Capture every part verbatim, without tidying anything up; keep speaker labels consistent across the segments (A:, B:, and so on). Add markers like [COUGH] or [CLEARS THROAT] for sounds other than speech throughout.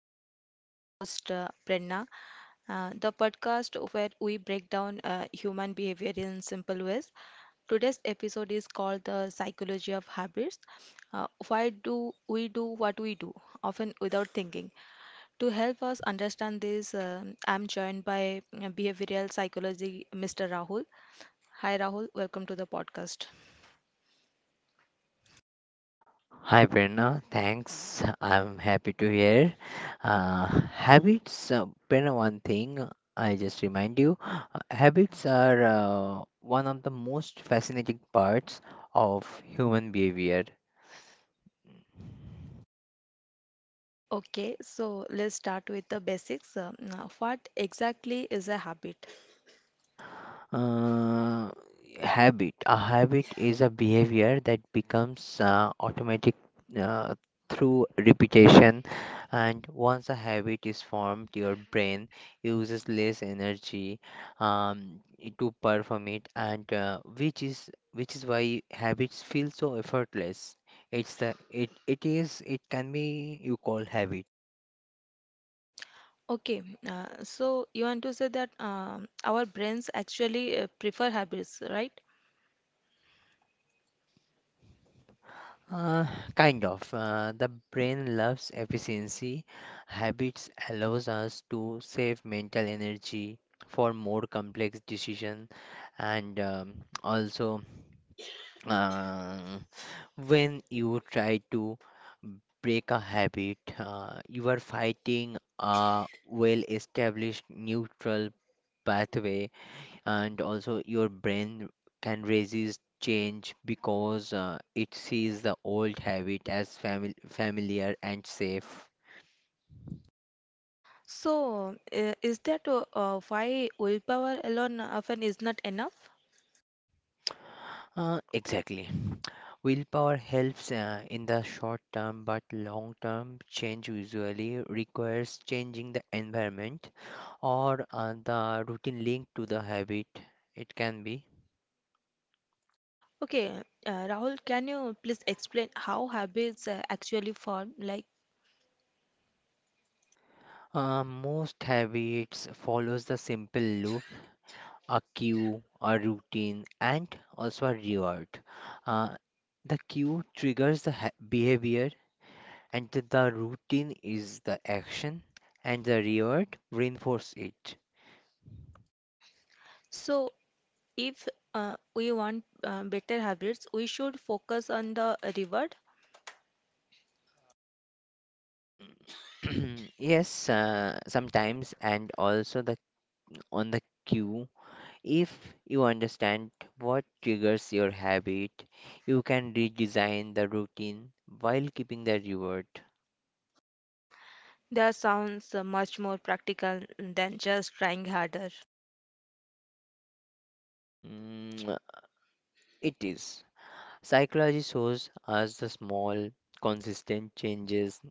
A: podcast. I'm your host, uh, Brenna. Uh, the podcast where we break down uh, human behavior in simple ways. Today's episode is called The Psychology of Habits. Uh, why do we do what we do, often without thinking? To help us understand this, um I'm joined by uh, behavioral psychology mister Rahul. Hi Rahul, welcome to the podcast.
B: Hi Prerna, thanks. I'm happy to hear. Uh, Habits, uh, Prerna, one thing I just remind you, uh, habits are uh, one of the most fascinating parts of human behavior.
A: Okay, so let's start with the basics. Uh, now, what exactly is a habit?
B: Uh, habit. A habit is a behavior that becomes uh, automatic uh, through repetition, and once a habit is formed, your brain uses less energy um, i- to perform it, and uh, which is which is why habits feel so effortless. It's the it it is it can be you call habit.
A: Okay, uh, so you want to say that um, our brains actually uh, prefer habits, right?
B: Uh, Kind of. Uh, the brain loves efficiency. Habits allows us to save mental energy for more complex decision, and um, also uh, when you try to break a habit, uh, you are fighting a well-established neutral pathway, and also your brain can resist change because uh, it sees the old habit as fami- familiar and safe.
A: So, uh, is that uh, uh, why willpower alone often is not enough?
B: Uh, exactly. Willpower helps uh, in the short term, but long term change usually requires changing the environment or uh, the routine linked to the habit. It can be.
A: Okay, uh, Rahul, can you please explain how habits uh, actually form? Like,
B: Uh, most habits follows the simple loop: a cue, a routine, and also a reward. Uh, the cue triggers the ha- behavior, and th- the routine is the action, and the reward reinforce it.
A: so if uh, we want uh, better habits, we should focus on the reward.
B: [CLEARS THROAT] Yes, uh, sometimes, and also the on the cue. If you understand what triggers your habit, you can redesign the routine while keeping the reward.
A: That sounds uh, much more practical than just trying harder.
B: Mm, [TSK] it is. Psychology shows us the small, consistent changes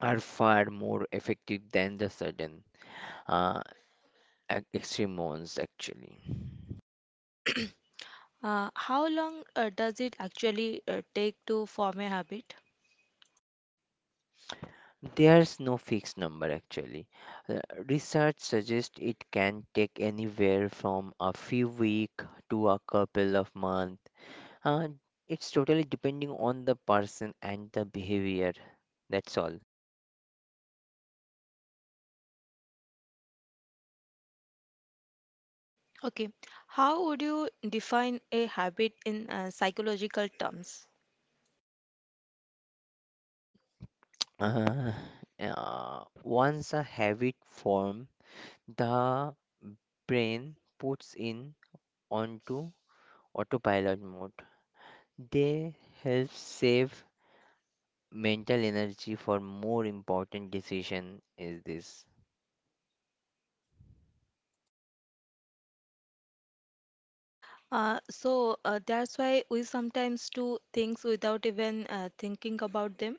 B: are far more effective than the sudden uh, ex- extreme ones, actually.
A: [CLEARS THROAT] Uh, how long uh, does it actually uh, take to form a habit?
B: There's no fixed number, actually. Uh, Research suggests it can take anywhere from a few weeks to a couple of months. Uh, it's totally depending on the person and the behavior. That's all.
A: Okay, how would you define a habit in uh, psychological terms?
B: Uh, uh, Once a habit form. The brain puts in onto autopilot mode. They help save mental energy for more important decision is this.
A: Uh, so uh, that's why we sometimes do things without even uh, thinking about them.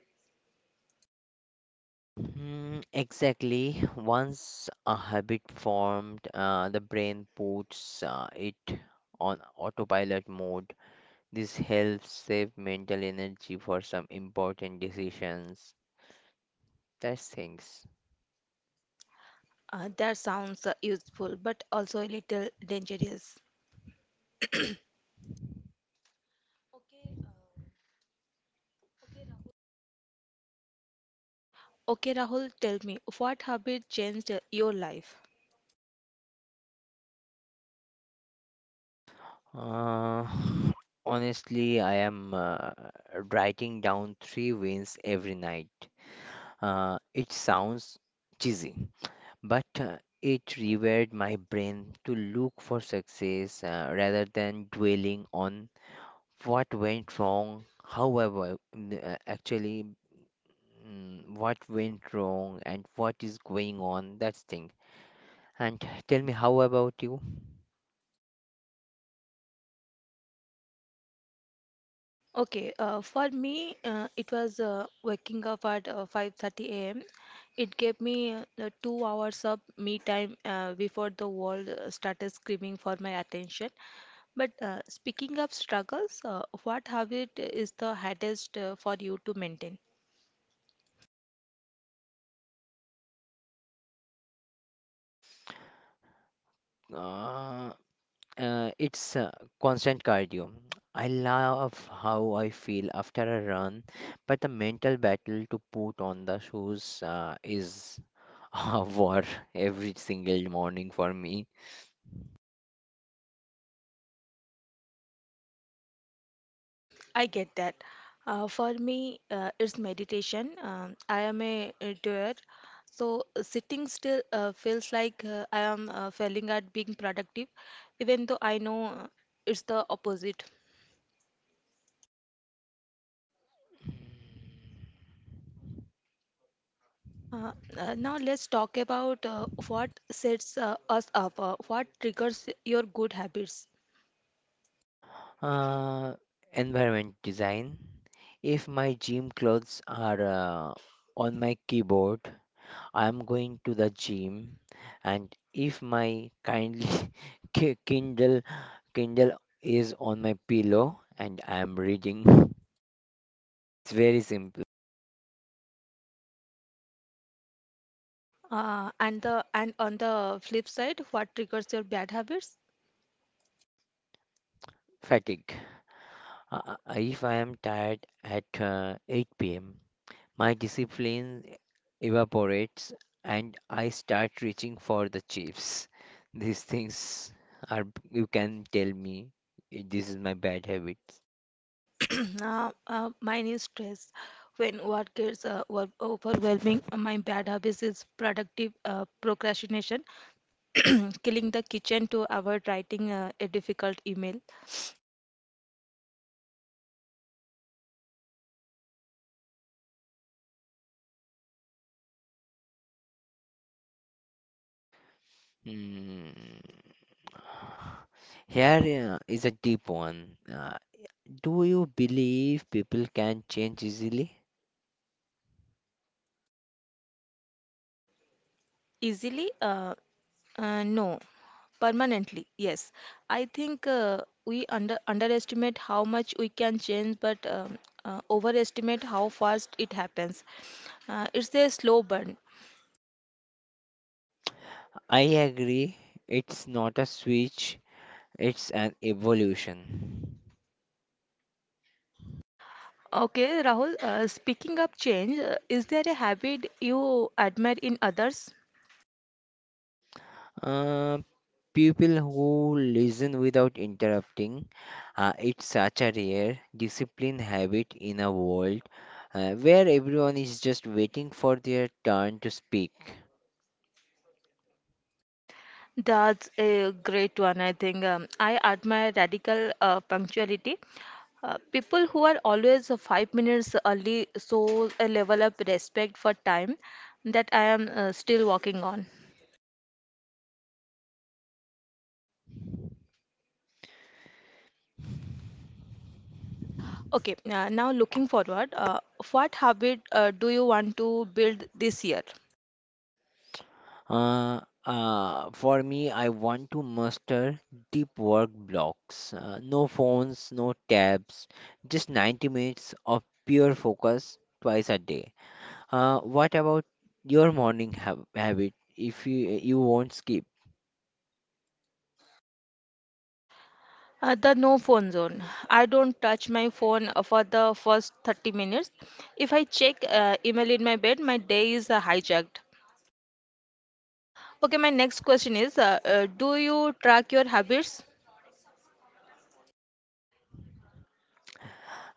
B: Hmm, exactly. Once a habit formed, uh, the brain puts uh, it on autopilot mode. This helps save mental energy for some important decisions. That's things.
A: Uh, that sounds uh, useful, but also a little dangerous. [CLEARS THROAT] Okay, Rahul, tell me, what habit changed uh, your life?
B: Uh, Honestly, I am uh, writing down three wins every night. Uh, it sounds cheesy, but uh, it rewired my brain to look for success uh, rather than dwelling on what went wrong. However, mm, uh, actually, mm, what went wrong and what is going on, that's thing. And tell me, how about you?
A: Okay, uh, for me, uh, it was uh, waking up at uh, five thirty a m. It gave me uh, the two hours of me time uh, before the world uh, started screaming for my attention. But uh, speaking of struggles, uh, what habit is the hardest uh, for you to maintain?
B: Uh, Uh, it's uh, constant cardio. I love how I feel after a run, but the mental battle to put on the shoes uh, is [LAUGHS] a war every single morning for me.
A: I get that. Uh, for me, uh, it's meditation. Um, I am a, a doer, so uh, sitting still uh, feels like uh, I am uh, failing at being productive, even though I know uh, it's the opposite. Uh, uh, Now let's talk about uh, what sets uh, us up, uh, what triggers your good habits,
B: Uh, Environment design. If my gym clothes are uh, on my keyboard, I'm going to the gym, and if my kindly [LAUGHS] ki- Kindle Kindle is on my pillow and I'm reading. [LAUGHS] It's very simple.
A: uh, and the and on the flip side, what triggers your bad habits.
B: Fatigue. Uh, uh, uh, If I am tired at uh, eight p m, my discipline evaporates and I start reaching for the chips. These things are, you can tell me, eh, this is my bad habits.
A: [CLEARS THROAT] Uh, uh, mine is stress. When work gets uh, wor- overwhelming, uh, my bad habit is productive uh, procrastination, [CLEARS THROAT] killing the kitchen to avoid writing uh, a difficult email.
B: Hmm. Here uh, is a deep one. Uh, do you believe people can change easily?
A: Easily, uh, uh, no. Permanently, yes. I think uh, we under underestimate how much we can change, but um, uh, overestimate how fast it happens. Uh, it's a slow burn.
B: I agree. It's not a switch, it's an evolution.
A: Okay, Rahul, uh, speaking of change, uh, is there a habit you admire in others?
B: Uh, People who listen without interrupting, uh, it's such a rare discipline habit in a world uh, where everyone is just waiting for their turn to speak.
A: That's a great one, I think. Um, I admire radical uh, punctuality. Uh, people who are always uh, five minutes early show a level of respect for time that I am uh, still working on. Okay, uh, now looking forward, uh, what habit uh, do you want to build this year?
B: Uh, uh, for me, I want to master deep work blocks. Uh, no phones, no tabs, just ninety minutes of pure focus twice a day. Uh, what about your morning hab habit? If you you won't skip,
A: Uh, the no phone zone. I don't touch my phone uh, for the first thirty minutes. If I check uh, email in my bed, my day is uh, hijacked. Okay, my next question is uh, uh, do you track your habits?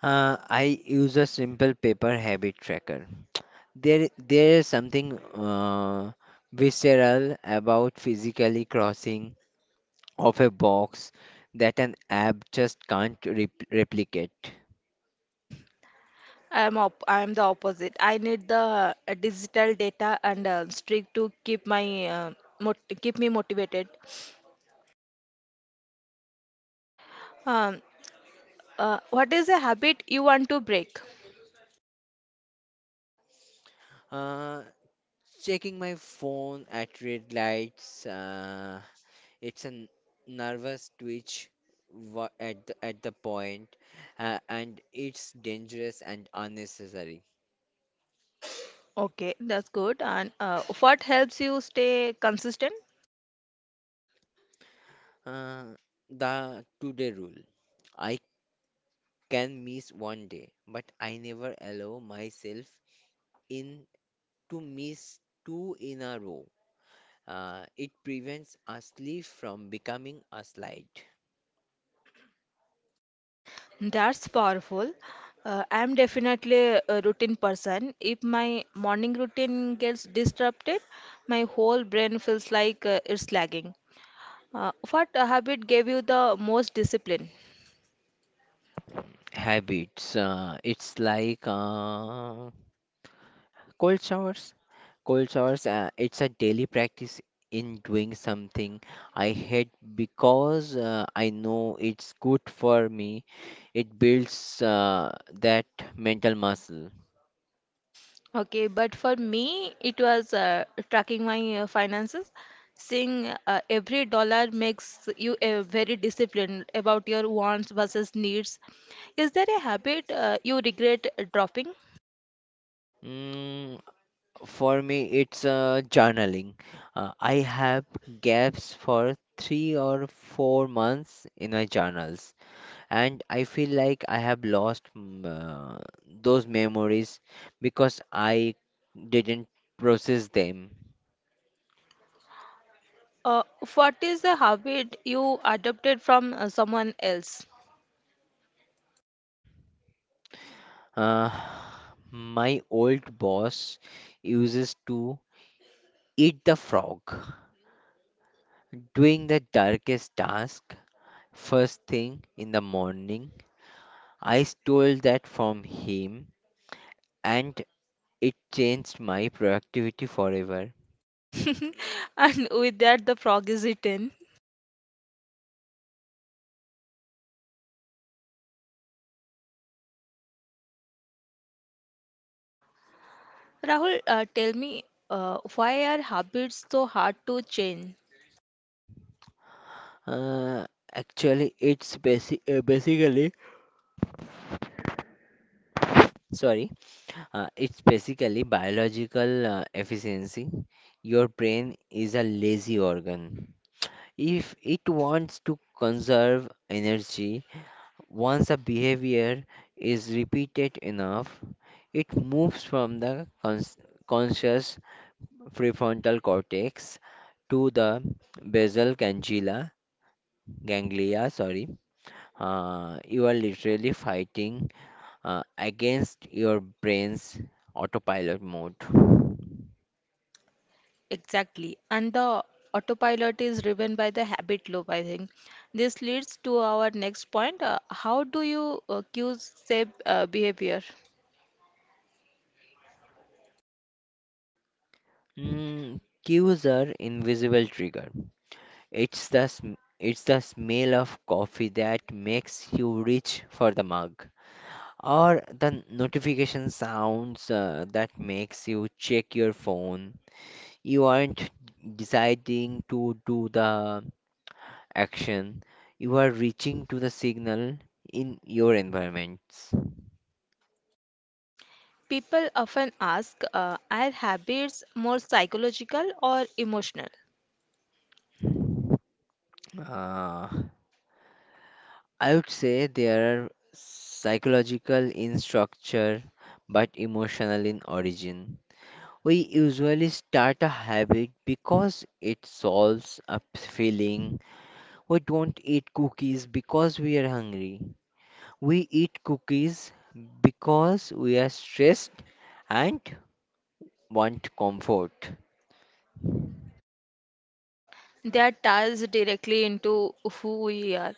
B: uh, I use a simple paper habit tracker. There there is something uh, visceral about physically crossing of a box that an app just can't rep replicate.
A: I am op I am the opposite. I need the uh, digital data and uh, streak to keep my uh, mot keep me motivated. Um, uh, what is a habit you want to break?
B: Uh, Checking my phone at red lights. Uh, It's a n- nervous twitch wa- at the, at the point, uh, and it's dangerous and unnecessary.
A: Okay, that's good. And uh, what helps you stay consistent?
B: Uh, the today rule. I can miss one day, but I never allow myself in to miss two in a row. Uh, it prevents a slip from becoming a slide.
A: That's powerful. Uh, I'm definitely a routine person. If my morning routine gets disrupted, my whole brain feels like uh, it's lagging. Uh, what habit gave you the most discipline?
B: Habits. Uh, it's like uh, Cold showers. Cold showers, uh, it's a daily practice in doing something I hate because uh, I know it's good for me. It builds uh, that mental muscle.
A: Okay, but for me, it was uh, tracking my uh, finances. Seeing uh, every dollar makes you uh, very disciplined about your wants versus needs. Is there a habit uh, you regret dropping?
B: Mm, for me, it's uh, journaling. Uh, I have gaps for three or four months in my journals, and I feel like I have lost mm, uh, those memories because I didn't process them.
A: Uh, what is the habit you adopted from uh, someone else?
B: Uh, my old boss uses to eat the frog, doing the darkest task first thing in the morning. I stole that from him and it changed my productivity forever.
A: [LAUGHS] And with that, the frog is eaten. Rahul, uh, tell me, uh, why are habits so hard to change
B: Uh, Actually, it's basi- uh, basically, sorry. Uh, it's basically biological uh, efficiency. Your brain is a lazy organ. If it wants to conserve energy, once a behavior is repeated enough, it moves from the cons- conscious prefrontal cortex to the basal ganglia, ganglia, sorry. Uh, you are literally fighting uh, against your brain's autopilot mode.
A: exactly? And the autopilot is driven by the habit loop, I think. This leads to our next point. Uh, how do you uh, cue safe uh, behavior?
B: Mm, cues are invisible trigger. It's the sm- it's the smell of coffee that makes you reach for the mug, or the notification sounds uh, that makes you check your phone. You aren't deciding to do the action. You are reaching to the signal in your environments.
A: People often ask, uh, are habits more psychological or emotional?
B: Ah. I would say they are psychological in structure but emotional in origin. We usually start a habit because it solves a p- feeling. We don't eat cookies because we are hungry. We eat cookies because we are stressed and want comfort.
A: That ties directly into who we are.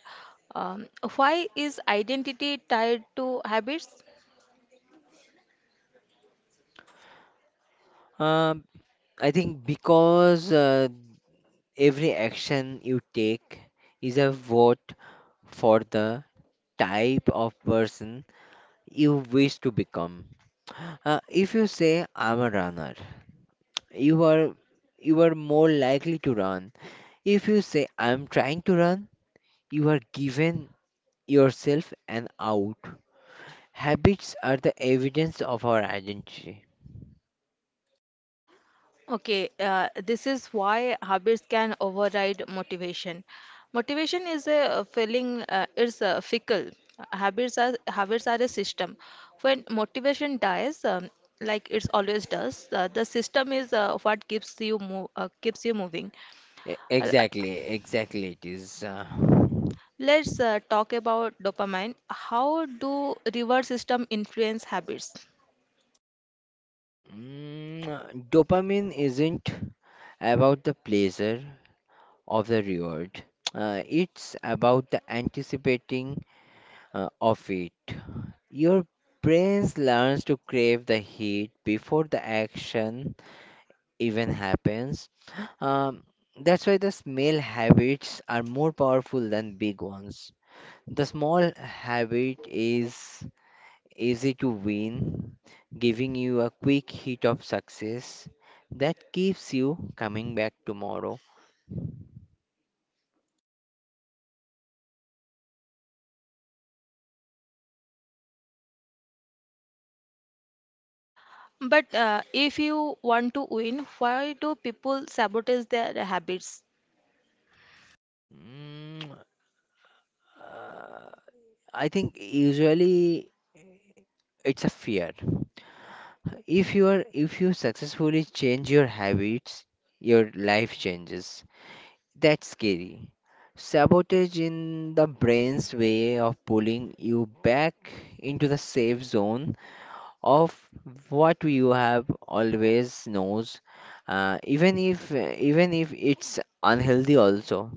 A: Um, why is identity tied to habits?
B: Uh, I think because uh, every action you take is a vote for the type of person you wish to become. Uh, if you say I'm a runner, you are you are more likely to run. If you say I'm trying to run, you are given yourself an out. Habits are the evidence of our identity.
A: Okay, uh, this is why habits can override motivation. Motivation is a feeling, uh, it's a fickle. Habits are habits are a system. When motivation dies, um, like it's always does, uh, the system is uh, what keeps you move, uh, keeps you moving.
B: E-
A: Uh,
B: Exactly, exactly it is. Uh,
A: Let's uh, talk about dopamine. How do reward system influence habits?
B: mm, dopamine isn't about the pleasure of the reward. Uh, it's about the anticipating uh, of it. Your brain learns to crave the heat before the action even happens. Um, that's why the small habits are more powerful than big ones. The small habit is easy to win, giving you a quick hit of success that keeps you coming back tomorrow.
A: But uh, if you want to win, why do people sabotage their habits?
B: Mm, uh, I think usually it's a fear. If you are if you successfully change your habits, your life changes. That's scary. Sabotage in the brain's way of pulling you back into the safe zone of what you have always knows, uh, even if even if it's unhealthy also.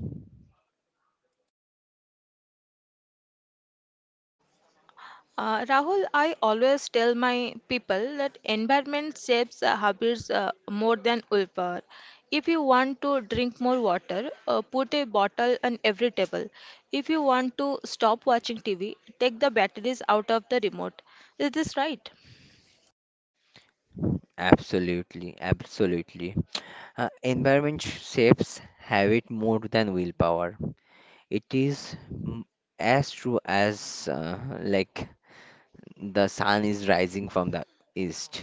A: Uh, Rahul, I always tell my people that environment shapes uh, habits uh, more than willpower. If you want to drink more water, uh, put a bottle on every table. If you want to stop watching T V, take the batteries out of the remote. Is this right?
B: Absolutely, absolutely. Uh, environment shapes habit more than willpower. It is, mm, as true as uh, like the sun is rising from the east.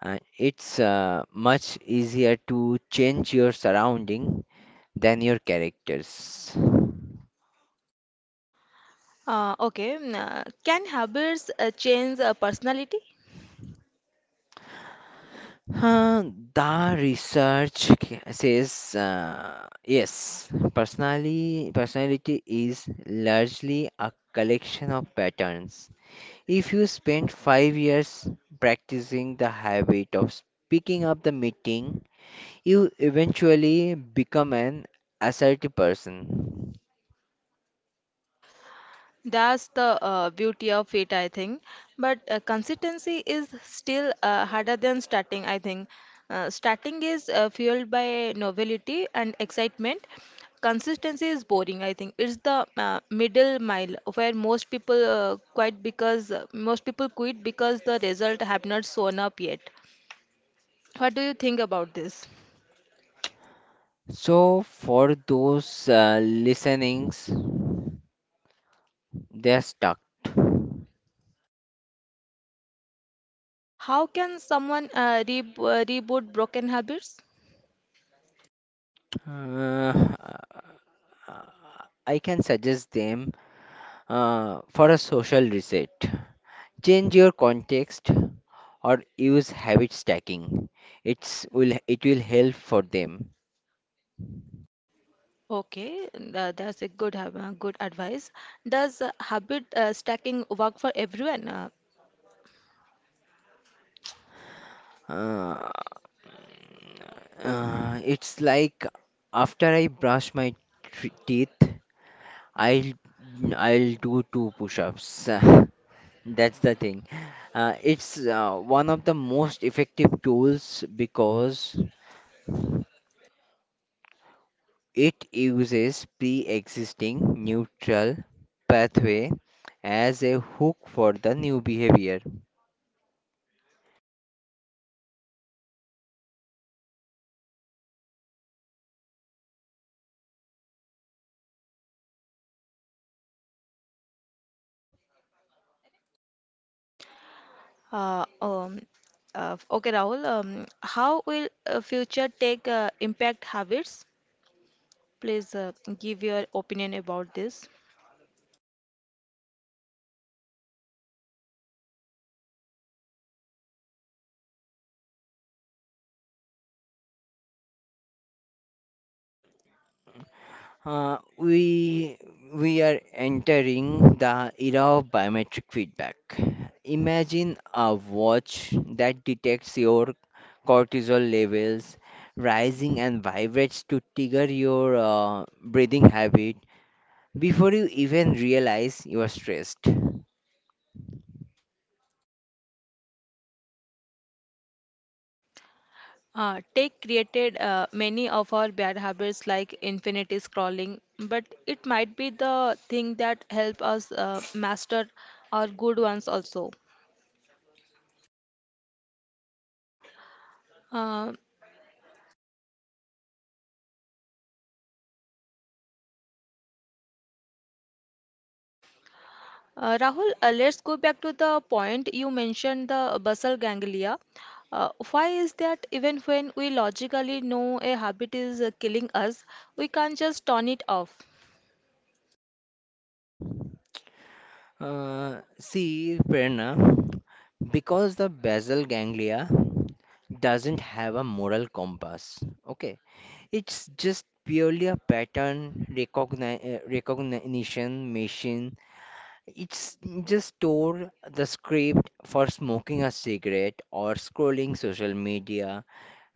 B: And it's uh, much easier to change your surrounding than your characters.
A: Uh, okay. Mm, uh, can habits uh, change a personality?
B: Huh, the research k- says uh, yes, personally, personality is largely a collection of patterns. If you spend five years practicing the habit of speaking up the meeting, you eventually become an assertive person.
A: That's the uh, beauty of it, I think. But uh, consistency is still uh, harder than starting, I think. Uh, starting is uh, fueled by novelty and excitement. Consistency is boring, I think. It's the uh, middle mile where most people uh, quit because uh, most people quit because the result have not shown up yet. What do you think about this?
B: So, for those uh, listenings, they're stuck.
A: How can someone uh, re uh, reboot broken habits?
B: Uh, I can suggest them uh, for a social reset. Change your context or use habit stacking. It's will it will help for them.
A: Okay, tha- that's a good hab- uh, good advice. Does uh, habit uh, stacking work for everyone? Uh,
B: Uh, uh, it's like after I brush my tr- teeth, I'll I'll do two push-ups. [LAUGHS] That's the thing. Uh, it's uh, one of the most effective tools because it uses pre-existing neutral pathway as a hook for the new behavior.
A: uh, um, uh, okay, Rahul. Um, how will uh, future tech uh, impact habits? Please uh, give your opinion about this.
B: Uh, we we are entering the era of biometric feedback. Imagine a watch that detects your cortisol levels rising and vibrates to trigger your uh, breathing habit before you even realize you are stressed.
A: Uh, tech created uh, many of our bad habits like infinity scrolling, but it might be the thing that help us uh, master our good ones also. Uh, uh, Rahul, uh, let's go back to the point you mentioned the basal ganglia. Uh, why is that even when we logically know a habit is uh, killing us, we can't just turn it off?
B: Uh, see, Prerna, because the basal ganglia doesn't have a moral compass, okay, it's just purely a pattern recogni- uh, recognition machine. It's just store the script for smoking a cigarette or scrolling social media.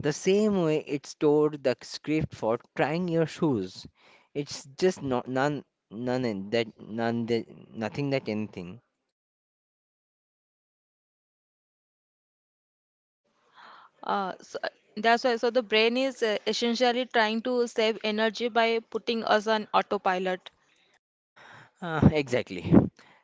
B: The same way it stored the script for trying your shoes. It's just not none none in that none that nothing that anything.
A: Uh, so that's why, so the brain is uh, essentially trying to save energy by putting us on autopilot.
B: Uh, exactly.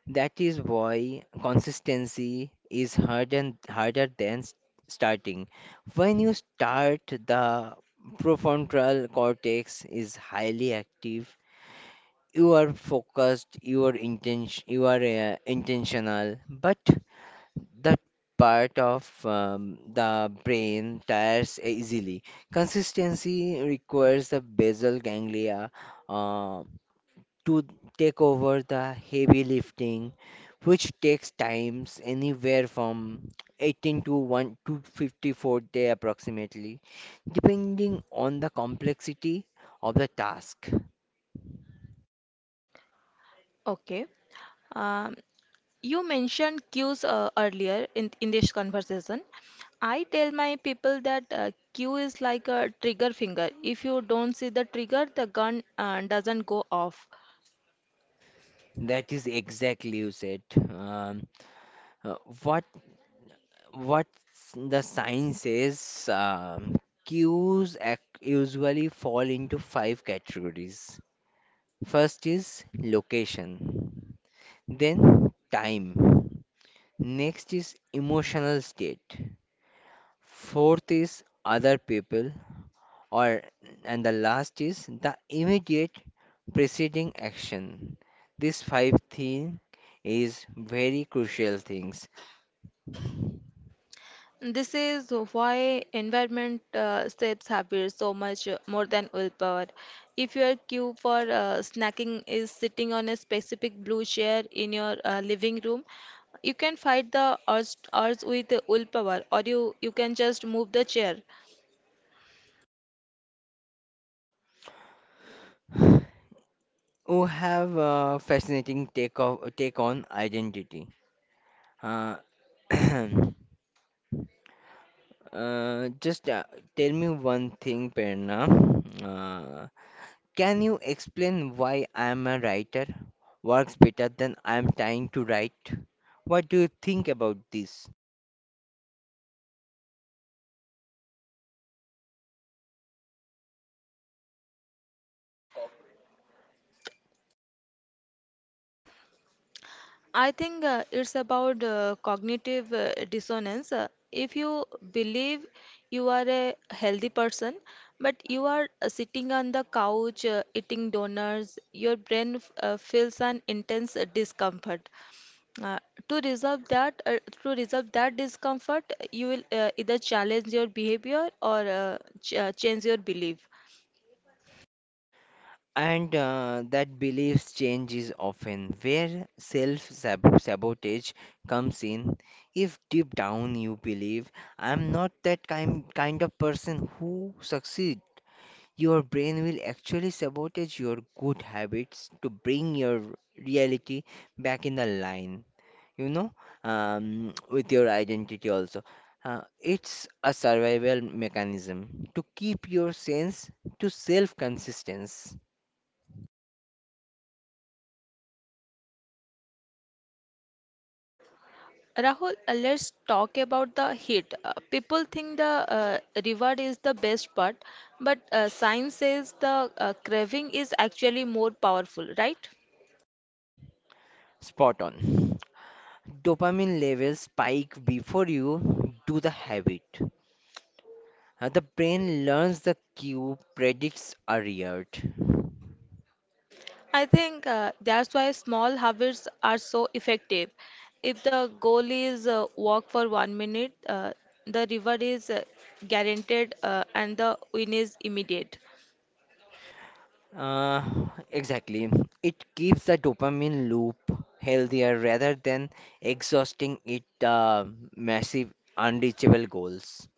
B: That is why consistency is harder, harder than s- starting. When you start, the prefrontal cortex is highly active. You are focused, you are intention, you are uh, intentional, but that part of um, the brain tires easily. Consistency requires the basal ganglia uh, to take over the heavy lifting, which takes times anywhere from eighteen to one to fifty-four day approximately, depending on the complexity of the task.
A: Okay. Um, you mentioned cues uh, earlier in, in this conversation. I tell my people that uh, cue is like a trigger finger. If you don't see the trigger, the gun uh, doesn't go off.
B: That is exactly you said. Um, uh, what what s- the science says, um, cues ac- usually fall into five categories. First is location, then time. Next is emotional state. Fourth is other people, or, and the last is the immediate preceding action. These five thing is very crucial things.
A: This is why environment uh, shapes habits so much uh, more than willpower. If your cue for uh, snacking is sitting on a specific blue chair in your uh, living room, you can fight the urge, urge with willpower, or you, you can just move the chair.
B: We have a fascinating take of take on identity. Uh, [CLEARS THROAT] uh, just uh, Tell me one thing, Perna. Uh, Can you explain why I'm a writer works better than I'm trying to write? What do you think about this?
A: I think uh, it's about uh, cognitive uh, dissonance. Uh, if you believe you are a healthy person, but you are uh, sitting on the couch uh, eating donuts, your brain f- uh, feels an intense uh, discomfort. Uh, to resolve that, uh, to resolve that discomfort, you will uh, either challenge your behavior or uh, ch- uh, change your belief.
B: And uh, that beliefs change is often where self sabotage comes in. If deep down you believe I'm not that kind kind of person who succeed, your brain will actually sabotage your good habits to bring your reality back in the line, you know, um, with your identity also. Uh, it's a survival mechanism to keep your sense to self consistence.
A: Rahul, uh, let's talk about the heat. Uh, people think the uh, reward is the best part, but uh, science says the uh, craving is actually more powerful, right?
B: Spot on. Dopamine levels spike before you do the habit. Uh, the brain learns the cue, predicts a reward.
A: I think uh, that's why small habits are so effective. If the goal is uh, walk for one minute, uh, the reward is uh, guaranteed uh, and the win is immediate.
B: Uh, exactly. It keeps the dopamine loop healthier rather than exhausting it uh, massive unreachable goals.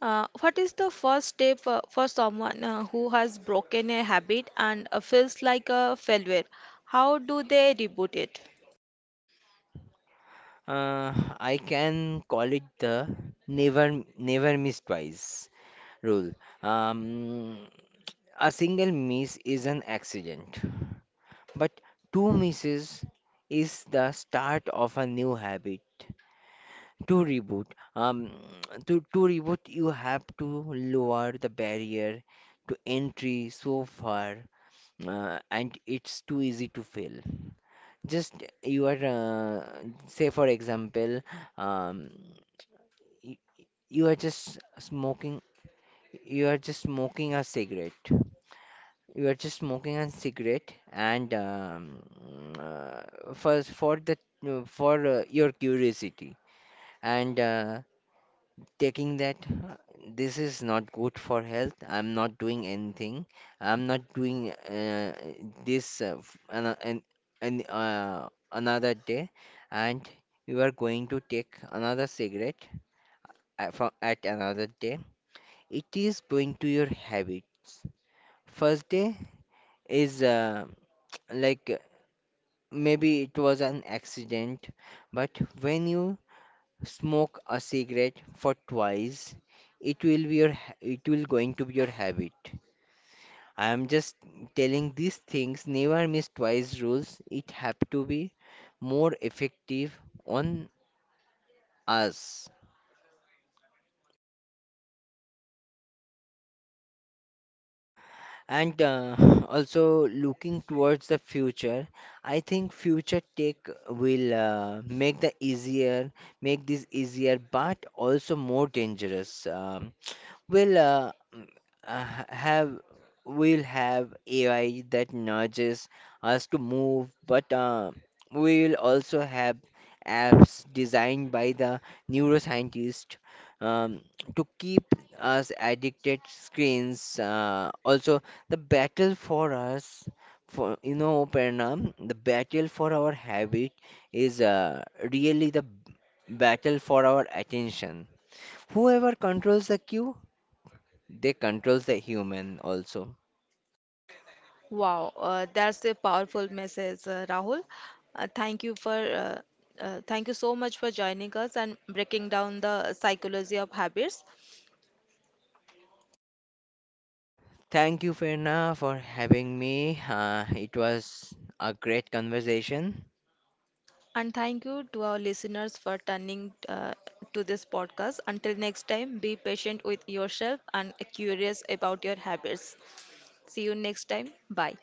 A: Uh, what is the first step uh, for someone uh, who has broken a habit and uh, feels like a failure? How do they reboot it?
B: Uh, I can call it the never never miss twice rule. Um, a single miss is an accident, but two misses is the start of a new habit. To reboot, um, [TSK] to, to reboot, you have to lower the barrier to entry so far, uh, and it's too easy to fail. Just you are, uh, say for example, um, y- you are just smoking. You are just smoking a cigarette. You are just smoking a cigarette, and um, uh, for for the for uh, your curiosity and uh, taking that. uh, This is not good for health. I'm not doing anything. I'm not doing uh, this uh, f- an, an, an, uh, another day, and you are going to take another cigarette at, from, at another day, it is going to your habits. First day is uh, like uh, maybe it was an accident, but when you smoke a cigarette for twice, it will be your ha- it will going to be your habit. I am just telling these things never miss twice rules. It have to be more effective on us. And uh, [LAUGHS] also looking towards the future, I think future tech will uh, make the easier make this easier but also more dangerous. um, We'll uh, mm, uh, ha- have we'll have A I that nudges us to move, but uh, we'll also have apps designed by the neuroscientist um, to keep us addicted screens. Uh, also, the battle for us, for you know, Prerna, the battle for our habit is uh, really the b- battle for our attention. Whoever controls the queue, they controls the human also.
A: Wow, uh, that's a powerful message, uh, Rahul. Uh, thank you for uh, uh, thank you so much for joining us and breaking down the psychology of habits.
B: Thank you, Firna, for having me. Uh, it was a great conversation.
A: And thank you to our listeners for turning uh, to this podcast. Until next time, be patient with yourself and curious about your habits. See you next time. Bye.